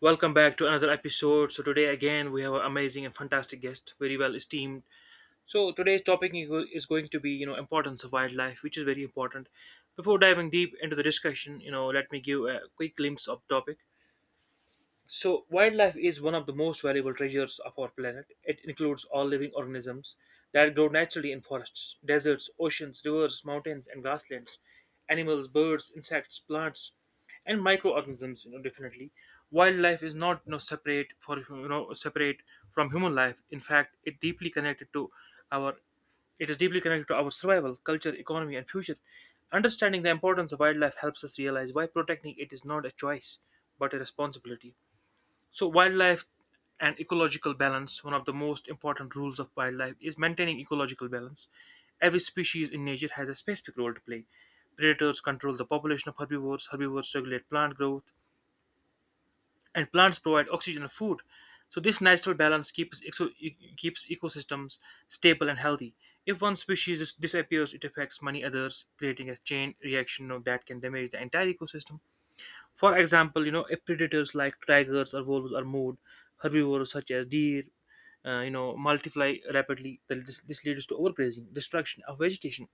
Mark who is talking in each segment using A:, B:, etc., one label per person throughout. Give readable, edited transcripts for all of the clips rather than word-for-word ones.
A: Welcome back to another episode. So today again we have an amazing and fantastic guest, very well esteemed. So today's topic is going to be importance of wildlife, which is very important. Before diving deep into the discussion, let me give a quick glimpse of topic. So, wildlife is one of the most valuable treasures of our planet. It includes all living organisms that grow naturally in forests, deserts, oceans, rivers, mountains, and grasslands. Animals, birds, insects, plants, and microorganisms. Definitely, wildlife is not separate for separate from human life. In fact, it deeply connected to our it is deeply connected to our survival, culture, economy, and future. Understanding the importance of wildlife helps us realize why protecting it is not a choice but a responsibility. So, wildlife and ecological balance, one of the most important rules of wildlife is maintaining ecological balance. Every species in nature has a specific role to play. Predators control the population of herbivores, herbivores regulate plant growth, and plants provide oxygen and food. So, this natural balance keeps ecosystems stable and healthy. If one species disappears, it affects many others, creating a chain reaction that can damage the entire ecosystem. For example, if predators like tigers or wolves are moved, herbivores such as deer, multiply rapidly. Then this leads to overgrazing, destruction of vegetation.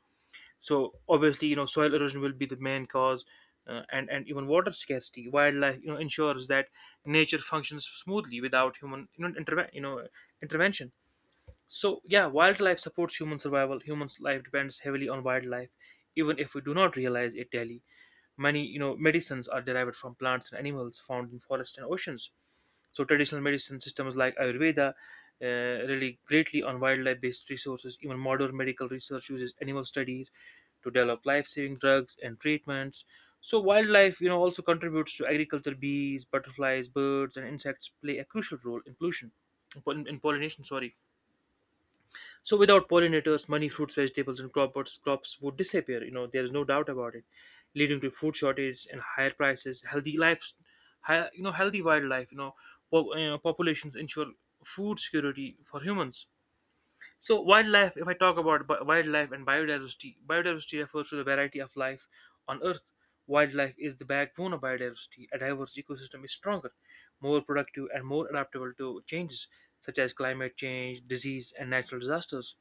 A: So obviously, soil erosion will be the main cause, and even water scarcity. Wildlife, ensures that nature functions smoothly without human, intervention. So, yeah, wildlife supports human survival. Humans' life depends heavily on wildlife, even if we do not realize it daily. Many, medicines are derived from plants and animals found in forests and oceans. So, traditional medicine systems like Ayurveda uh, rely greatly on wildlife-based resources. Even modern medical research uses animal studies to develop life-saving drugs and treatments. So, wildlife, also contributes to agriculture. Bees, butterflies, birds, and insects play a crucial role in pollution, in pollination. Sorry, so without pollinators, many fruits, vegetables, and crops would disappear. You know, there is no doubt about it, leading to food shortage and higher prices. Healthy lives, healthy wildlife. Populations ensure food security for humans. So wildlife, if I talk about wildlife and biodiversity, biodiversity refers to the variety of life on Earth. Wildlife is the backbone of biodiversity. A diverse ecosystem is stronger, more productive, and more adaptable to changes such as climate change, disease, and natural disasters.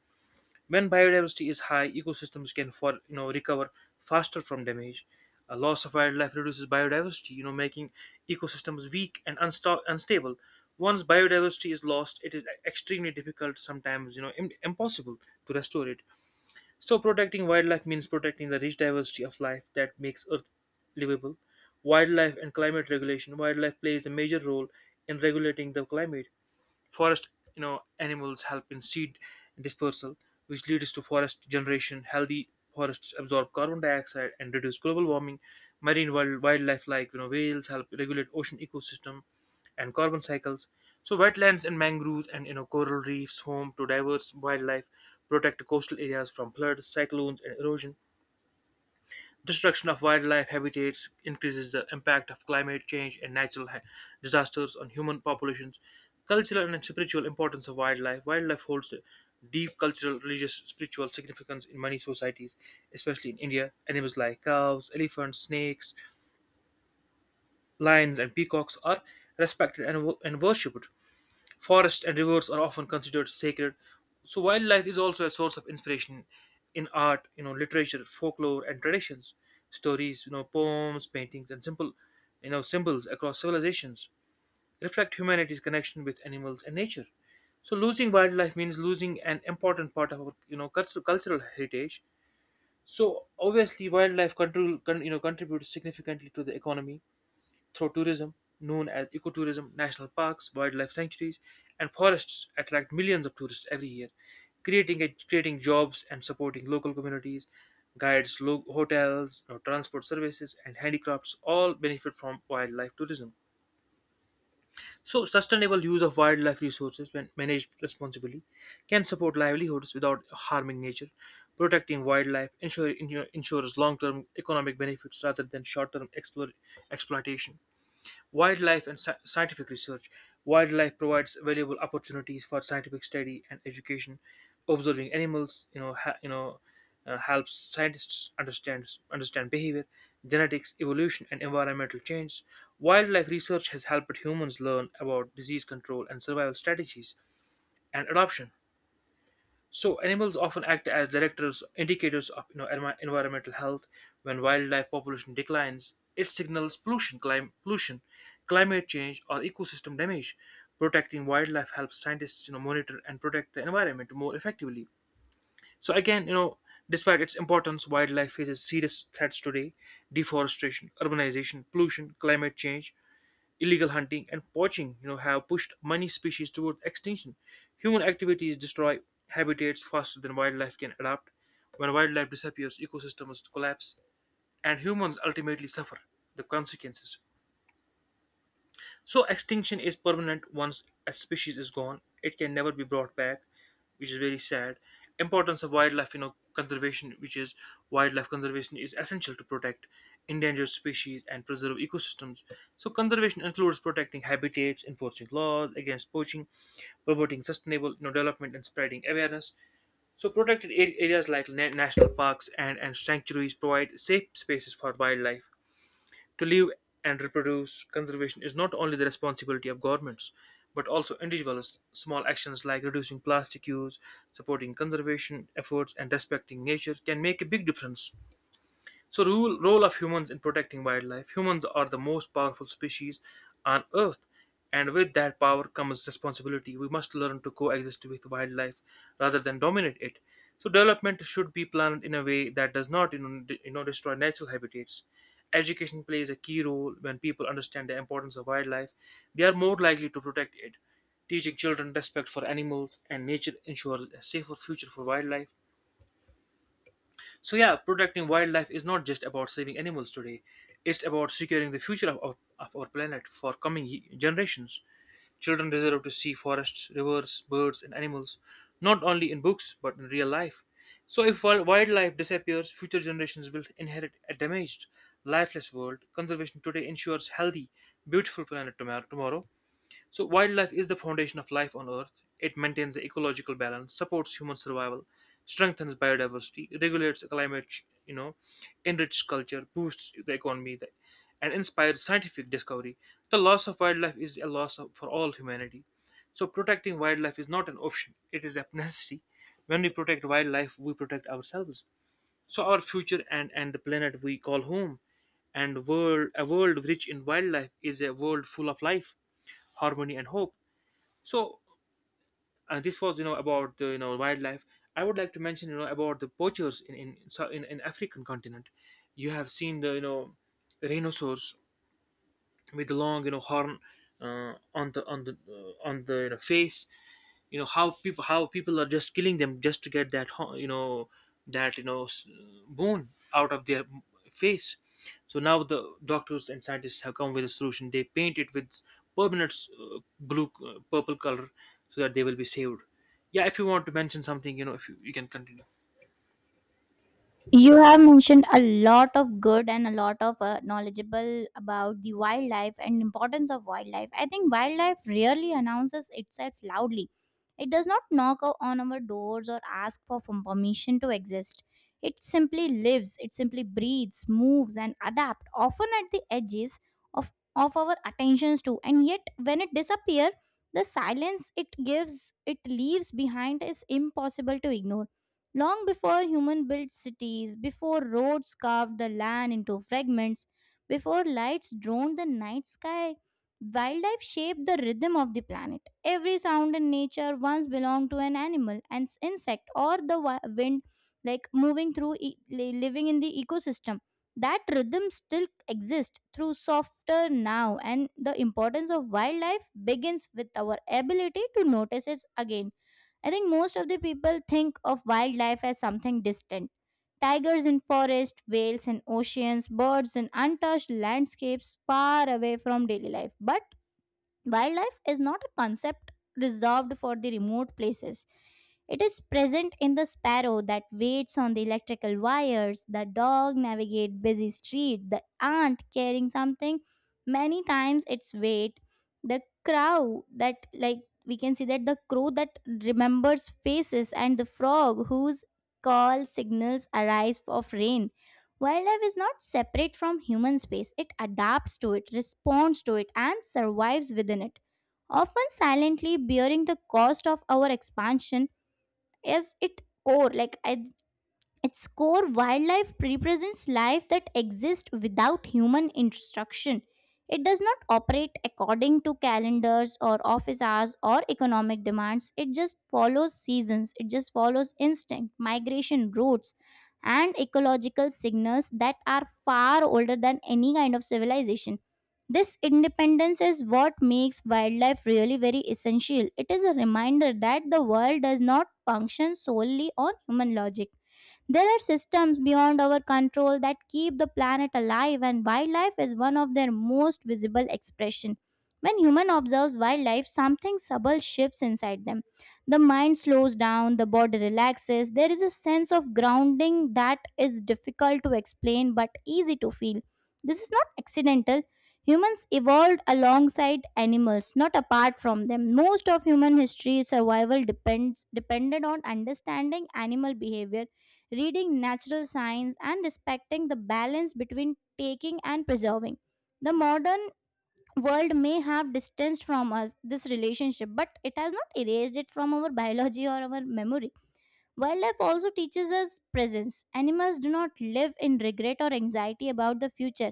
A: When biodiversity is high, ecosystems can for you know recover faster from damage. A loss of wildlife reduces biodiversity, making ecosystems weak and unstable. Once biodiversity is lost, it is extremely difficult, sometimes impossible to restore it. So protecting wildlife means protecting the rich diversity of life that makes Earth livable. Wildlife and climate regulation. Wildlife plays a major role in regulating the climate. Forest, animals help in seed dispersal, which leads to forest generation. Healthy forests absorb carbon dioxide and reduce global warming. Wildlife like whales help regulate ocean ecosystem and carbon cycles. So wetlands and mangroves and coral reefs home to diverse wildlife protect coastal areas from floods, cyclones and erosion. Destruction of wildlife habitats increases the impact of climate change and disasters on human populations. Cultural and spiritual importance of wildlife. Wildlife holds a deep cultural, religious, spiritual significance in many societies, especially in India. Animals like cows, elephants, snakes, lions, and peacocks are respected and worshipped. Forests and rivers are often considered sacred. So wildlife is also a source of inspiration in art, literature, folklore, and traditions. Stories, poems, paintings, and simple, symbols across civilizations reflect humanity's connection with animals and nature. So losing wildlife means losing an important part of our, cultural heritage. So obviously, wildlife control, con- you know, contributes significantly to the economy through tourism known as ecotourism, national parks, wildlife sanctuaries, and forests attract millions of tourists every year, creating creating jobs and supporting local communities. Hotels, transport services, and handicrafts all benefit from wildlife tourism. So, sustainable use of wildlife resources, when managed responsibly, can support livelihoods without harming nature. Protecting wildlife ensures long term economic benefits rather than short term exploitation. Wildlife and scientific research. Wildlife provides valuable opportunities for scientific study and education. Observing animals, helps scientists understand behavior, genetics, evolution, and environmental change. Wildlife research has helped humans learn about disease control and survival strategies and adoption. So animals often act as indicators of environmental health. When wildlife population declines, it signals pollution, climate change, or ecosystem damage. Protecting wildlife helps scientists monitor and protect the environment more effectively. So again, despite its importance, wildlife faces serious threats today: deforestation, urbanization, pollution, climate change. Illegal hunting and poaching, have pushed many species toward extinction. Human activities destroy habitats faster than wildlife can adapt. When wildlife disappears, ecosystems collapse, and humans ultimately suffer the consequences. So extinction is permanent. Once a species is gone, it can never be brought back, which is very sad. Importance of wildlife, you know, conservation, which is wildlife conservation, is essential to protect endangered species and preserve ecosystems. So conservation includes protecting habitats, enforcing laws against poaching, promoting sustainable development, and spreading awareness. So areas like national parks and sanctuaries provide safe spaces for wildlife to live and reproduce. Conservation is not only the responsibility of governments, but also individuals. Small actions like reducing plastic use, supporting conservation efforts, and respecting nature can make a big difference. So rule role of humans in protecting wildlife. Humans are the most powerful species on earth and with that power comes responsibility. We must learn to coexist with wildlife rather than dominate it. So development should be planned in a way that does not destroy natural habitats. Education plays a key role when people understand the importance of wildlife. They are more likely to protect it. Teaching children respect for animals and nature ensures a safer future for wildlife. So yeah, protecting wildlife is not just about saving animals today. It's about securing the future of our planet for coming generations. Children deserve to see forests, rivers, birds, and animals, not only in books but in real life. So, if wildlife disappears, future generations will inherit a damaged, lifeless world. Conservation today ensures healthy, beautiful planet tomorrow. So, wildlife is the foundation of life on Earth. It maintains the ecological balance, supports human survival, strengthens biodiversity, regulates climate, enriches culture, boosts the economy, and inspires scientific discovery. The loss of wildlife is a loss for all humanity. So, protecting wildlife is not an option; it is a necessity. When we protect wildlife, we protect ourselves. So, our future and the planet we call home, and world a world rich in wildlife is a world full of life, harmony, and hope. So this was about the wildlife. I would like to mention about the poachers in African continent. You have seen the rhinoceros with the long horn on the on the on the you know, face, you know how people are just killing them just to get that that you know s- bone out of their face. So now the doctors and scientists have come with a solution. They paint it with permanent s- blue purple color so that they will be saved. Yeah, if you want to mention something, you know, if you, you can continue.
B: You have mentioned a lot of good and a lot of knowledgeable about the wildlife and importance of wildlife. I think wildlife rarely announces itself loudly. It does not knock on our doors or ask for from permission to exist. It simply lives, it simply breathes, moves and adapts, often at the edges of our attentions too. And yet when it disappears, the silence it gives it leaves behind is impossible to ignore. Long before human built cities, before roads carved the land into fragments, before lights droned the night sky, wildlife shaped the rhythm of the planet. Every sound in nature once belonged to an animal, an insect, or the wind, like moving through, living in the ecosystem. That rhythm still exists through softer now, and the importance of wildlife begins with our ability to notice it again. I think most of the people think of wildlife as something distant. Tigers in forests, whales in oceans, birds in untouched landscapes far away from daily life. But wildlife is not a concept reserved for the remote places. It is present in the sparrow that waits on the electrical wires, the dog navigate busy street, the ant carrying something many times its weight, the crow that like we can see, that the crow that remembers faces and the frog whose call signals arise of rain. Wildlife is not separate from human space, it adapts to it, responds to it, and survives within it, often silently bearing the cost of our expansion as its core. Like, I Its core, wildlife represents life that exists without human instruction. It does not operate according to calendars or office hours or economic demands. It just follows seasons, it just follows instinct, migration routes, and ecological signals that are far older than any kind of civilization. This independence is what makes wildlife really very essential. It is a reminder that the world does not function solely on human logic. There are systems beyond our control that keep the planet alive, and wildlife is one of their most visible expression. When human observes wildlife, something subtle shifts inside them. The mind slows down, the body relaxes. There is a sense of grounding that is difficult to explain but easy to feel. This is not accidental. Humans evolved alongside animals, not apart from them. Most of human history survival depends depended on understanding animal behavior, reading natural science, and respecting the balance between taking and preserving. The modern world may have distanced from us this relationship, but it has not erased it from our biology or our memory. Wildlife also teaches us presence. Animals do not live in regret or anxiety about the future.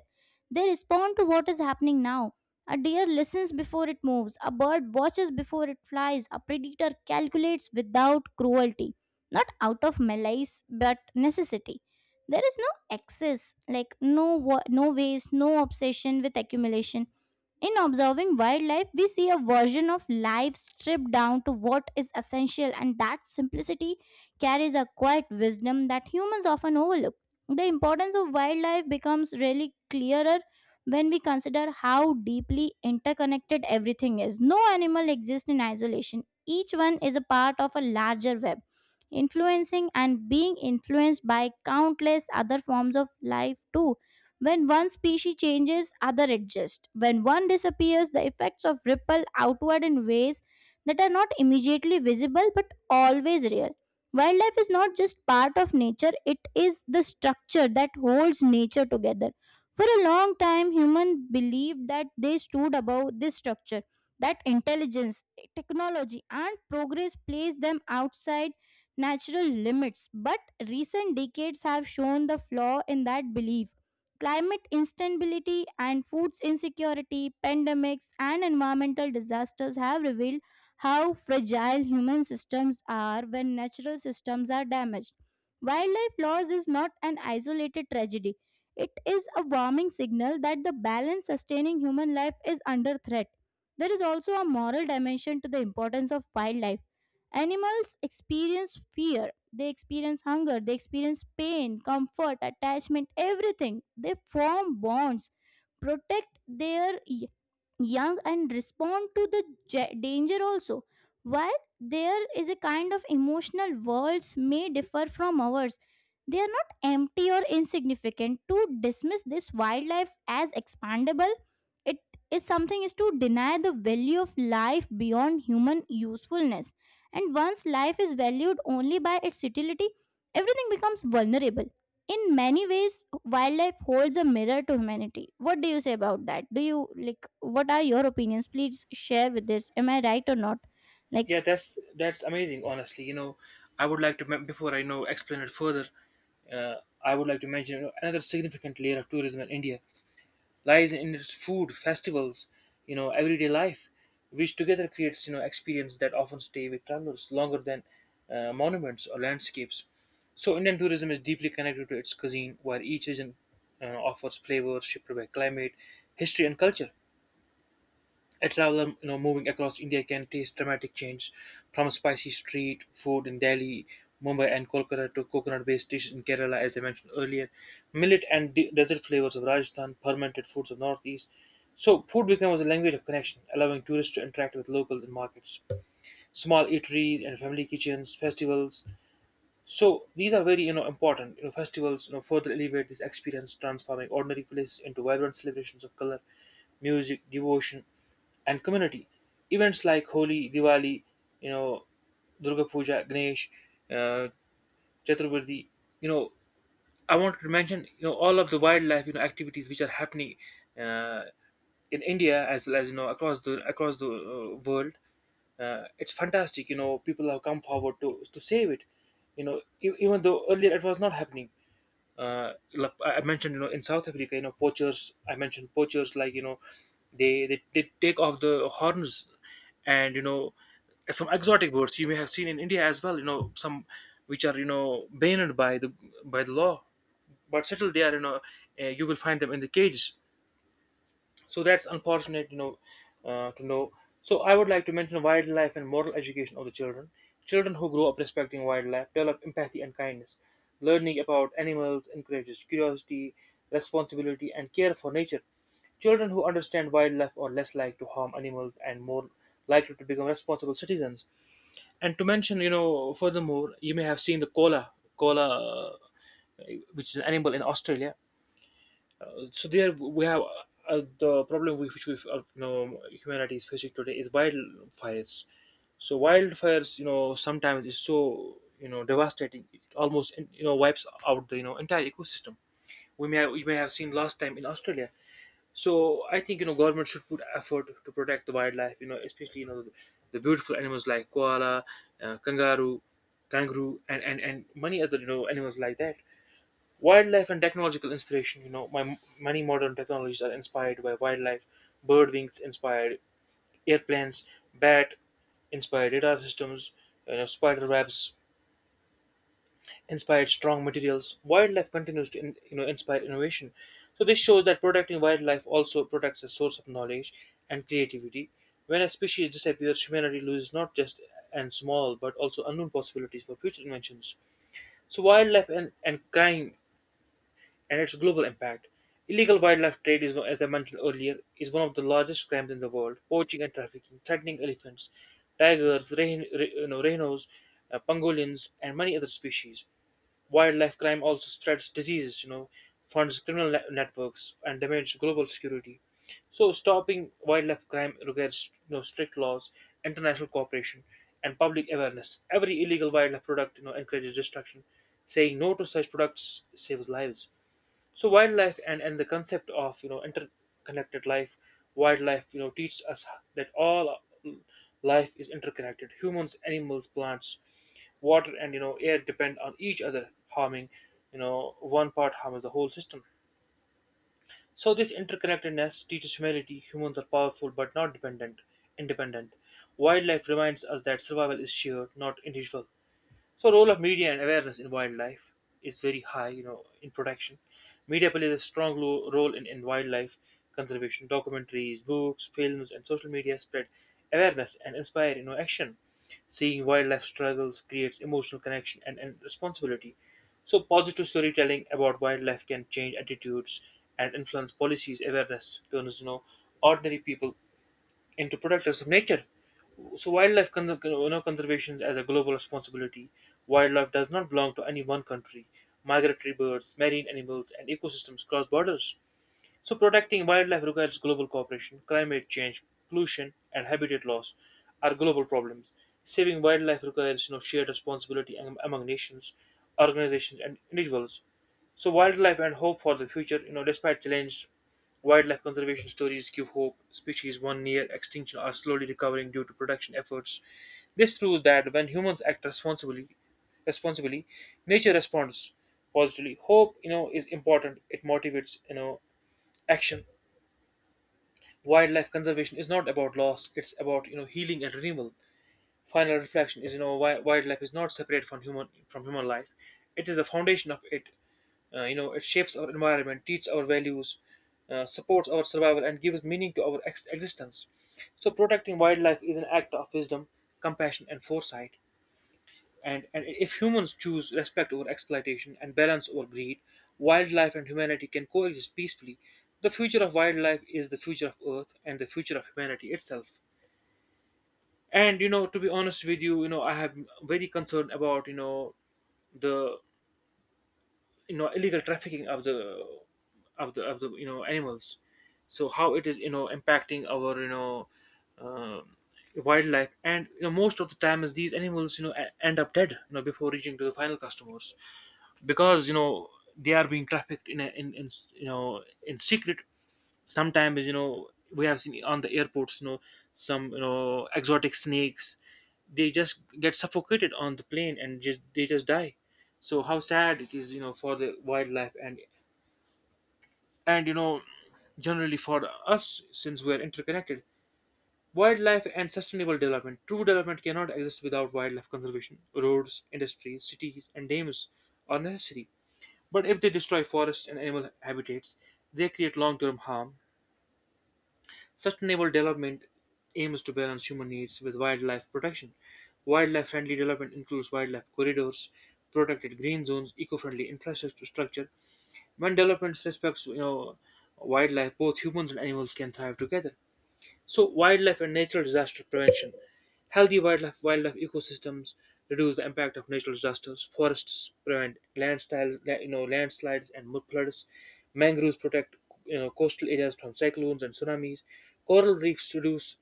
B: They respond to what is happening now. A deer listens before it moves, a bird watches before it flies, a predator calculates without cruelty, not out of malice but necessity. There is no excess, like no waste, no obsession with accumulation. In observing wildlife, we see a version of life stripped down to what is essential, and that simplicity carries a quiet wisdom that humans often overlook. The importance of wildlife becomes really clearer when we consider how deeply interconnected everything is. No animal exists in isolation, each one is a part of a larger web, influencing and being influenced by countless other forms of life, too. When one species changes, other adjust. When one disappears, the effects of ripple outward in ways that are not immediately visible but always real. Wildlife is not just part of nature, it is the structure that holds nature together. For a long time, humans believed that they stood above this structure, that intelligence, technology, and progress placed them outside natural limits. But recent decades have shown the flaw in that belief. Climate instability and food insecurity, pandemics, and environmental disasters have revealed how fragile human systems are when natural systems are damaged. Wildlife loss is not an isolated tragedy. It is a warning signal that the balance sustaining human life is under threat. There is also a moral dimension to the importance of wildlife. Animals experience fear, they experience hunger, they experience pain, comfort, attachment, everything. They form bonds, protect their young and respond to the danger also. While there is a kind of emotional worlds may differ from ours, they are not empty or insignificant. To dismiss this wildlife as expandable, it is something is to deny the value of life beyond human usefulness. And once life is valued only by its utility, everything becomes vulnerable. In many ways wildlife holds a mirror to humanity. What do you say about that? Do you like, what are your opinions? Please share with this. Am I right or not, like?
A: Yeah, that's amazing, honestly. You know, I would like to before I, you know, explain it further, uh, I would like to mention, you know, another significant layer of tourism in India lies in its food, festivals, you know, everyday life, which together creates, you know, experience that often stay with travelers longer than monuments or landscapes. So Indian tourism is deeply connected to its cuisine, where each region offers flavors shaped by climate, history, and culture. A traveler, you know, moving across India can taste dramatic change, from spicy street food in Delhi, Mumbai, and Kolkata to coconut-based dishes in Kerala, as I mentioned earlier, millet and desert flavors of Rajasthan, fermented foods of Northeast. So, food becomes a language of connection, allowing tourists to interact with local markets, small eateries and family kitchens, festivals, so these are very important. Festivals further elevate this experience, transforming ordinary places into vibrant celebrations of color, music, devotion, and community. Events like Holi, Diwali, you know Durga Puja, Ganesh, uh, Chaturvedi. You know I want to mention all of the wildlife activities which are happening uh, in India as well as across the world. It's fantastic, people have come forward to save it, even though earlier it was not happening. Like I mentioned, in south africa, poachers, I mentioned poachers, they take off the horns. And some exotic birds you may have seen in india as well, some which are banned by the law, but still they are, you will find them in the cages. So that's unfortunate, to know. So I would like to mention wildlife and moral education of the children. Children who grow up respecting wildlife develop empathy and kindness. Learning about animals encourages curiosity, responsibility, and care for nature. Children who understand wildlife are less likely to harm animals and more likely to become responsible citizens. And to mention, furthermore, you may have seen the koala, koala, uh, which is an animal in Australia. So there we have the problem with which we humanity is facing today is wildfires. So wildfires, sometimes is so devastating. It almost wipes out the entire ecosystem. We may have seen last time in Australia. So I think government should put effort to protect the wildlife. Especially the beautiful animals like koala, kangaroo, and many other animals like that. Wildlife and technological inspiration. You know, my many modern technologies are inspired by wildlife. Bird wings inspired airplanes. Bat inspired radar systems. Spider webs inspired strong materials. Wildlife continues to in, you know inspire innovation. So this shows that protecting wildlife also protects a source of knowledge and creativity. When a species disappears, humanity loses not just and small but also unknown possibilities for future inventions. So wildlife and crime and its global impact. Illegal wildlife trade, as I mentioned earlier, is one of the largest crimes in the world. Poaching and trafficking, threatening elephants, tigers, rehn, re, you know, rhinos, pangolins, and many other species. Wildlife crime also spreads diseases, funds criminal networks, and damages global security. So, stopping wildlife crime requires, strict laws, international cooperation, and public awareness. Every illegal wildlife product, encourages destruction. Saying no to such products saves lives. So wildlife and the concept of interconnected life. Wildlife teaches us that all life is interconnected. Humans, animals, plants, water, and air depend on each other. Harming one part harms the whole system. So this interconnectedness teaches humanity humans are powerful but not dependent, independent. Wildlife reminds us that survival is shared, not individual. So role of media and awareness in wildlife is very high, in protection. Media plays a strong role in wildlife conservation. Documentaries, books, films, and social media spread awareness and inspire, action. Seeing wildlife struggles creates emotional connection and responsibility. So positive storytelling about wildlife can change attitudes and influence policies. Awareness turns, ordinary people into protectors of nature. So, wildlife conservation as a global responsibility. Wildlife does not belong to any one country. Migratory birds, marine animals, and ecosystems cross borders. So, protecting wildlife requires global cooperation. Climate change, pollution, and habitat loss are global problems. Saving wildlife requires, shared responsibility among nations, organizations, and individuals. So wildlife and hope for the future, despite challenge, wildlife conservation stories give hope. Species one near extinction are slowly recovering due to protection efforts. This proves that when humans act responsibly, nature responds positively. Hope, is important. It motivates, action. Wildlife conservation is not about loss; it's about healing and renewal. Final reflection is, wildlife is not separate from human life. It is the foundation of it. It shapes our environment, teaches our values, supports our survival, and gives meaning to our existence. So, protecting wildlife is an act of wisdom, compassion, and foresight. And if humans choose respect over exploitation and balance over greed, wildlife and humanity can coexist peacefully. The future of wildlife is the future of Earth and the future of humanity itself. And to be honest with you, I have very concerned about the illegal trafficking of the animals. So how it is impacting our um wildlife. And most of the time is these animals end up dead, before reaching to the final customers, because they are being trafficked in in secret. Sometimes we have seen on the airports, some exotic snakes, they just get suffocated on the plane and just die. So how sad it is, for the wildlife, and and you know generally for us since we are interconnected. Wildlife and sustainable development. True development cannot exist without wildlife conservation. Roads, industries, cities, and dams are necessary, but if they destroy forests and animal habitats, they create long-term harm. Sustainable development aims to balance human needs with wildlife protection. Wildlife friendly development includes wildlife corridors, protected green zones, eco-friendly infrastructure. When development respects wildlife, both humans and animals can thrive together. So wildlife and natural disaster prevention. Healthy wildlife ecosystems reduce the impact of natural disasters. Forests prevent landslides, and mud floods. Mangroves protect, coastal areas from cyclones and tsunamis. Coral reefs reduce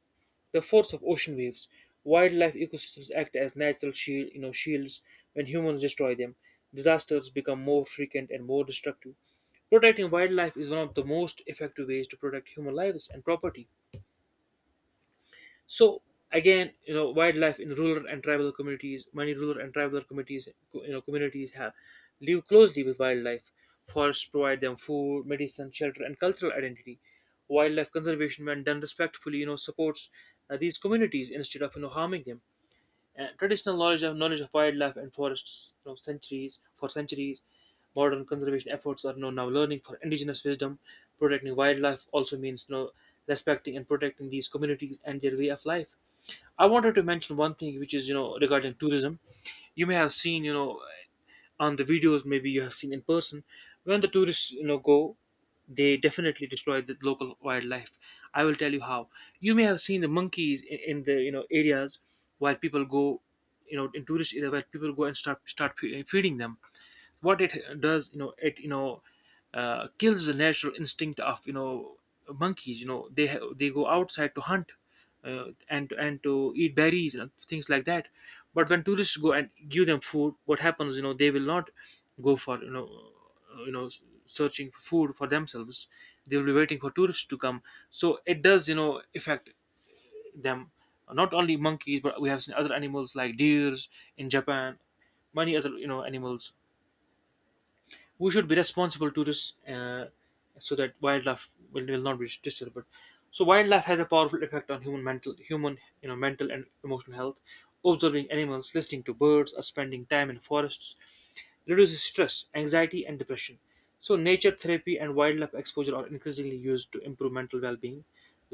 A: the force of ocean waves. Wildlife ecosystems act as natural shield, shields when humans destroy them. Disasters become more frequent and more destructive. Protecting wildlife is one of the most effective ways to protect human lives and property. So again, wildlife in rural and tribal communities, many rural and tribal communities, co- you know, communities have live closely with wildlife. Forests provide them food, medicine, shelter, and cultural identity. Wildlife conservation, when done respectfully, supports these communities instead of harming them. Traditional knowledge of wildlife and forests, you know, centuries for centuries, modern conservation efforts are now learning for indigenous wisdom. Protecting wildlife also means, respecting and protecting these communities and their way of life. I wanted to mention one thing, which is regarding tourism. You may have seen on the videos, maybe you have seen in person, when the tourists go, they definitely destroy the local wildlife. I will tell you how. You may have seen the monkeys in the areas. While people go, in tourist area where people go and feeding them. What it does, you know it you know kills the natural instinct of monkeys. They go outside to hunt, and to eat berries and things like that. But when tourists go and give them food, what happens, they will not go for, searching for food for themselves. They will be waiting for tourists to come. So it does, affect them. Not only monkeys, but we have seen other animals like deers in japan, many other animals. We should be responsible tourists, so that wildlife will not be disturbed. But so wildlife has a powerful effect on human mental human you know mental and emotional health. Observing animals, listening to birds, or spending time in forests reduces stress, anxiety, and depression. So nature therapy and wildlife exposure are increasingly used to improve mental well-being.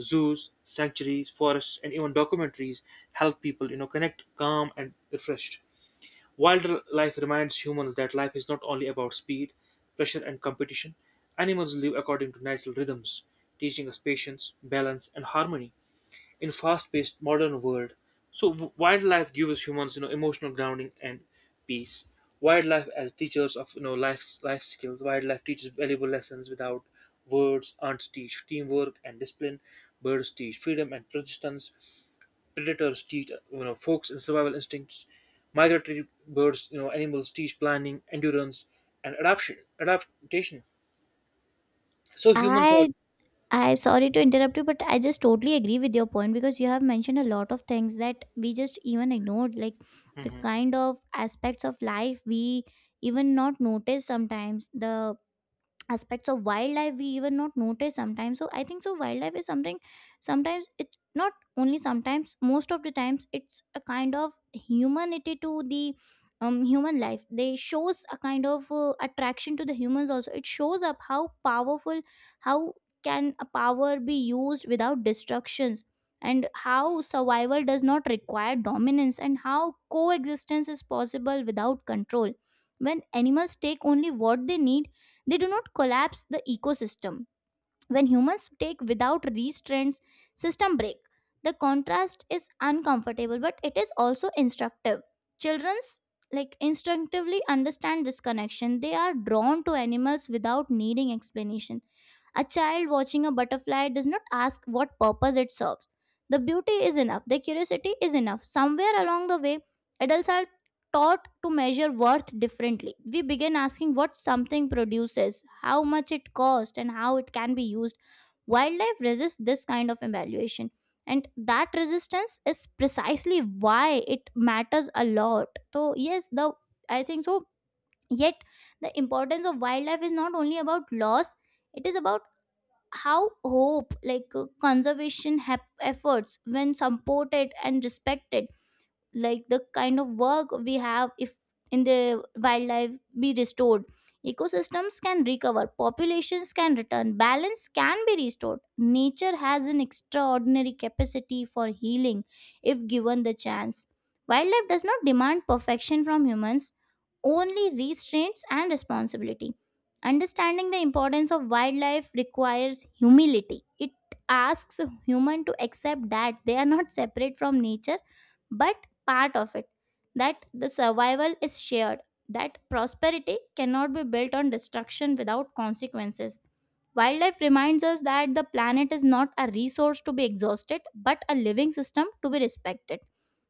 A: Zoos, sanctuaries, forests, and even documentaries help people, connect, calm and refreshed. Wildlife reminds humans that life is not only about speed, pressure, and competition. Animals live according to natural rhythms, teaching us patience, balance, and harmony in fast-paced modern world. So wildlife gives humans, emotional grounding and peace. Wildlife as teachers of life skills. Wildlife teaches valuable lessons without words. Ants teach teamwork and discipline. Birds teach freedom and persistence. Predators teach, folks and survival instincts. Migratory birds, animals teach planning, endurance, and adaptation. So humans have.
B: I I sorry to interrupt you, but I just totally agree with your point because you have mentioned a lot of things that we just even ignored, like the
A: Hmm.
B: kind of aspects of life we even not notice sometimes. The aspects of wildlife we even not notice sometimes, so I think so wildlife is something, sometimes it's not only sometimes, most of the times it's a kind of humanity to the human life. They shows a kind of attraction to the humans also. It shows up how powerful, how can a power be used without destructions, and how survival does not require dominance, and how coexistence is possible without control. When animals take only what they need, they do not collapse the ecosystem. When humans take without restraints, system break. The contrast is uncomfortable, but it is also instructive. Children's like instinctively understand this connection. They are drawn to animals without needing explanation. A child watching a butterfly does not ask what purpose it serves. The beauty is enough, the curiosity is enough. Somewhere along the way, adults are taught to measure worth differently. We begin asking what something produces, how much it costs, and how it can be used. Wildlife resists this kind of evaluation. And that resistance is precisely why it matters a lot. So, yes, the I think so. Yet, the importance of wildlife is not only about loss, it is about how hope, like conservation efforts when supported and respected, like the kind of work we have. If in the wildlife be restored, ecosystems can recover, populations can return, balance can be restored. Nature has an extraordinary capacity for healing if given the chance. Wildlife does not demand perfection from humans, only restraints and responsibility. Understanding the importance of wildlife requires humility. It asks human to accept that they are not separate from nature but part of it, that the survival is shared, that prosperity cannot be built on destruction without consequences. Wildlife reminds us that the planet is not a resource to be exhausted but a living system to be respected.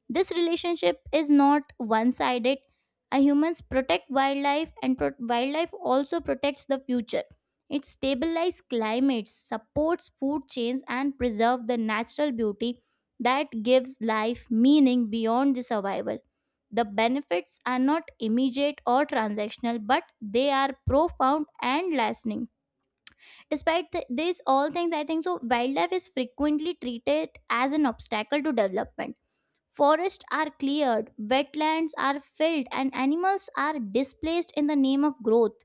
B: This relationship is not one sided. Humans protect wildlife, and wildlife also protects the future. It stabilizes climates, supports food chains, and preserves the natural beauty that gives life meaning beyond the survival. The benefits are not immediate or transactional, but they are profound and lasting. Despite these all things, I think so. Wildlife is frequently treated as an obstacle to development. Forests are cleared, wetlands are filled, and animals are displaced in the name of growth.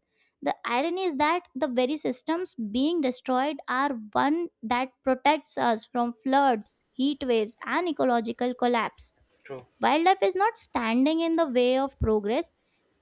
B: The irony is that the very systems being destroyed are one that protects us from floods, heat waves, and ecological collapse.
A: True.
B: Wildlife is not standing in the way of progress,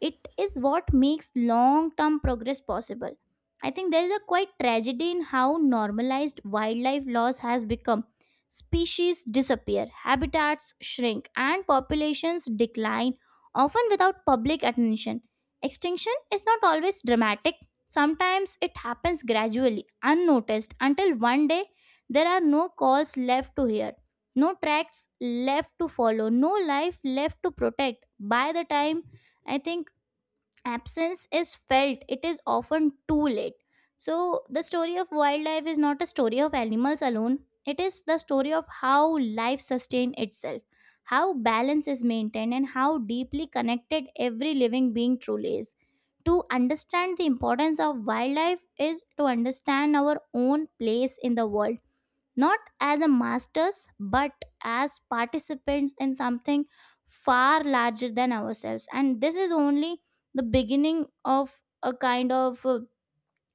B: it is what makes long term progress possible. I think there is a quite tragedy in how normalized wildlife loss has become. Species disappear, habitats shrink, and populations decline, often without public attention. Extinction is not always dramatic. Sometimes it happens gradually, unnoticed, until one day there are no calls left to hear, no tracks left to follow, no life left to protect. By the time, I think, absence is felt, it is often too late. So, the story of wildlife is not a story of animals alone, it is the story of how life sustains itself, how balance is maintained, and how deeply connected every living being truly is. To understand the importance of wildlife is to understand our own place in the world, not as a masters but as participants in something far larger than ourselves. And this is only the beginning of a kind of uh,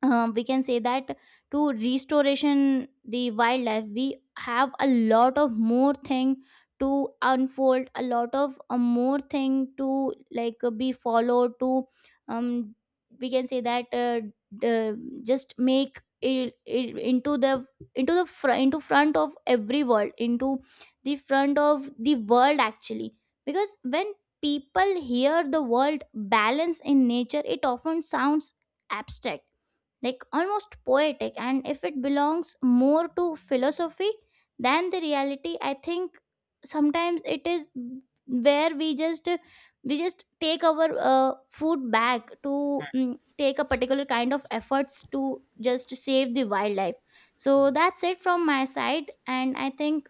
B: uh, we can say that, to restoration the wildlife we have a lot of more thing to unfold, a lot of more thing to like be followed to, um we can say that, d- just make it into the into the into front of every world, into the front of the world actually. Because when people hear the word balance in nature, it often sounds abstract, like almost poetic, and if it belongs more to philosophy than the reality, I think sometimes it is where we just take our food back to, take a particular kind of efforts to just save the wildlife. So that's it from my side. And I think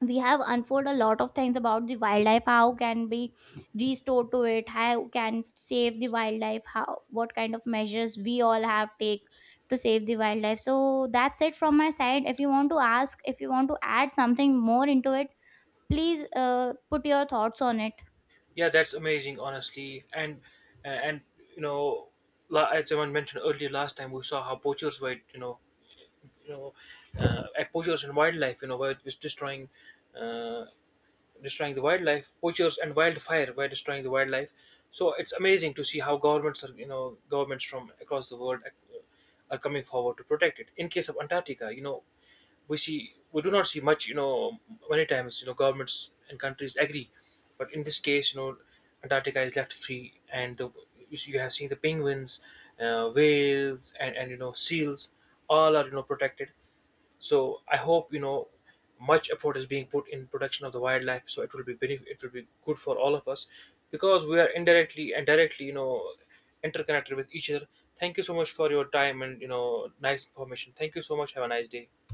B: we have unfold a lot of things about the wildlife, how can be restored to it, how can save the wildlife, how, what kind of measures we all have take to save the wildlife. So that's it from my side. If you want to ask, if you want to add something more into it, please put your thoughts on it.
A: Yeah, that's amazing honestly. And you know as someone mentioned earlier last time, we saw how poachers were, you know at poachers and wildlife, were was destroying, uh, destroying the wildlife, poachers and wildfire were destroying the wildlife. So it's amazing to see how governments are, governments from across the world are coming forward to protect it. In case of Antarctica, we do not see much, many times, governments and countries agree, but in this case, Antarctica is left free, and you have seen the penguins, whales, and seals, all are protected. So I hope much effort is being put in protection of the wildlife. So it will be it will be good for all of us, because we are indirectly and directly interconnected with each other. Thank you so much for your time and, nice information. Thank you so much. Have a nice day.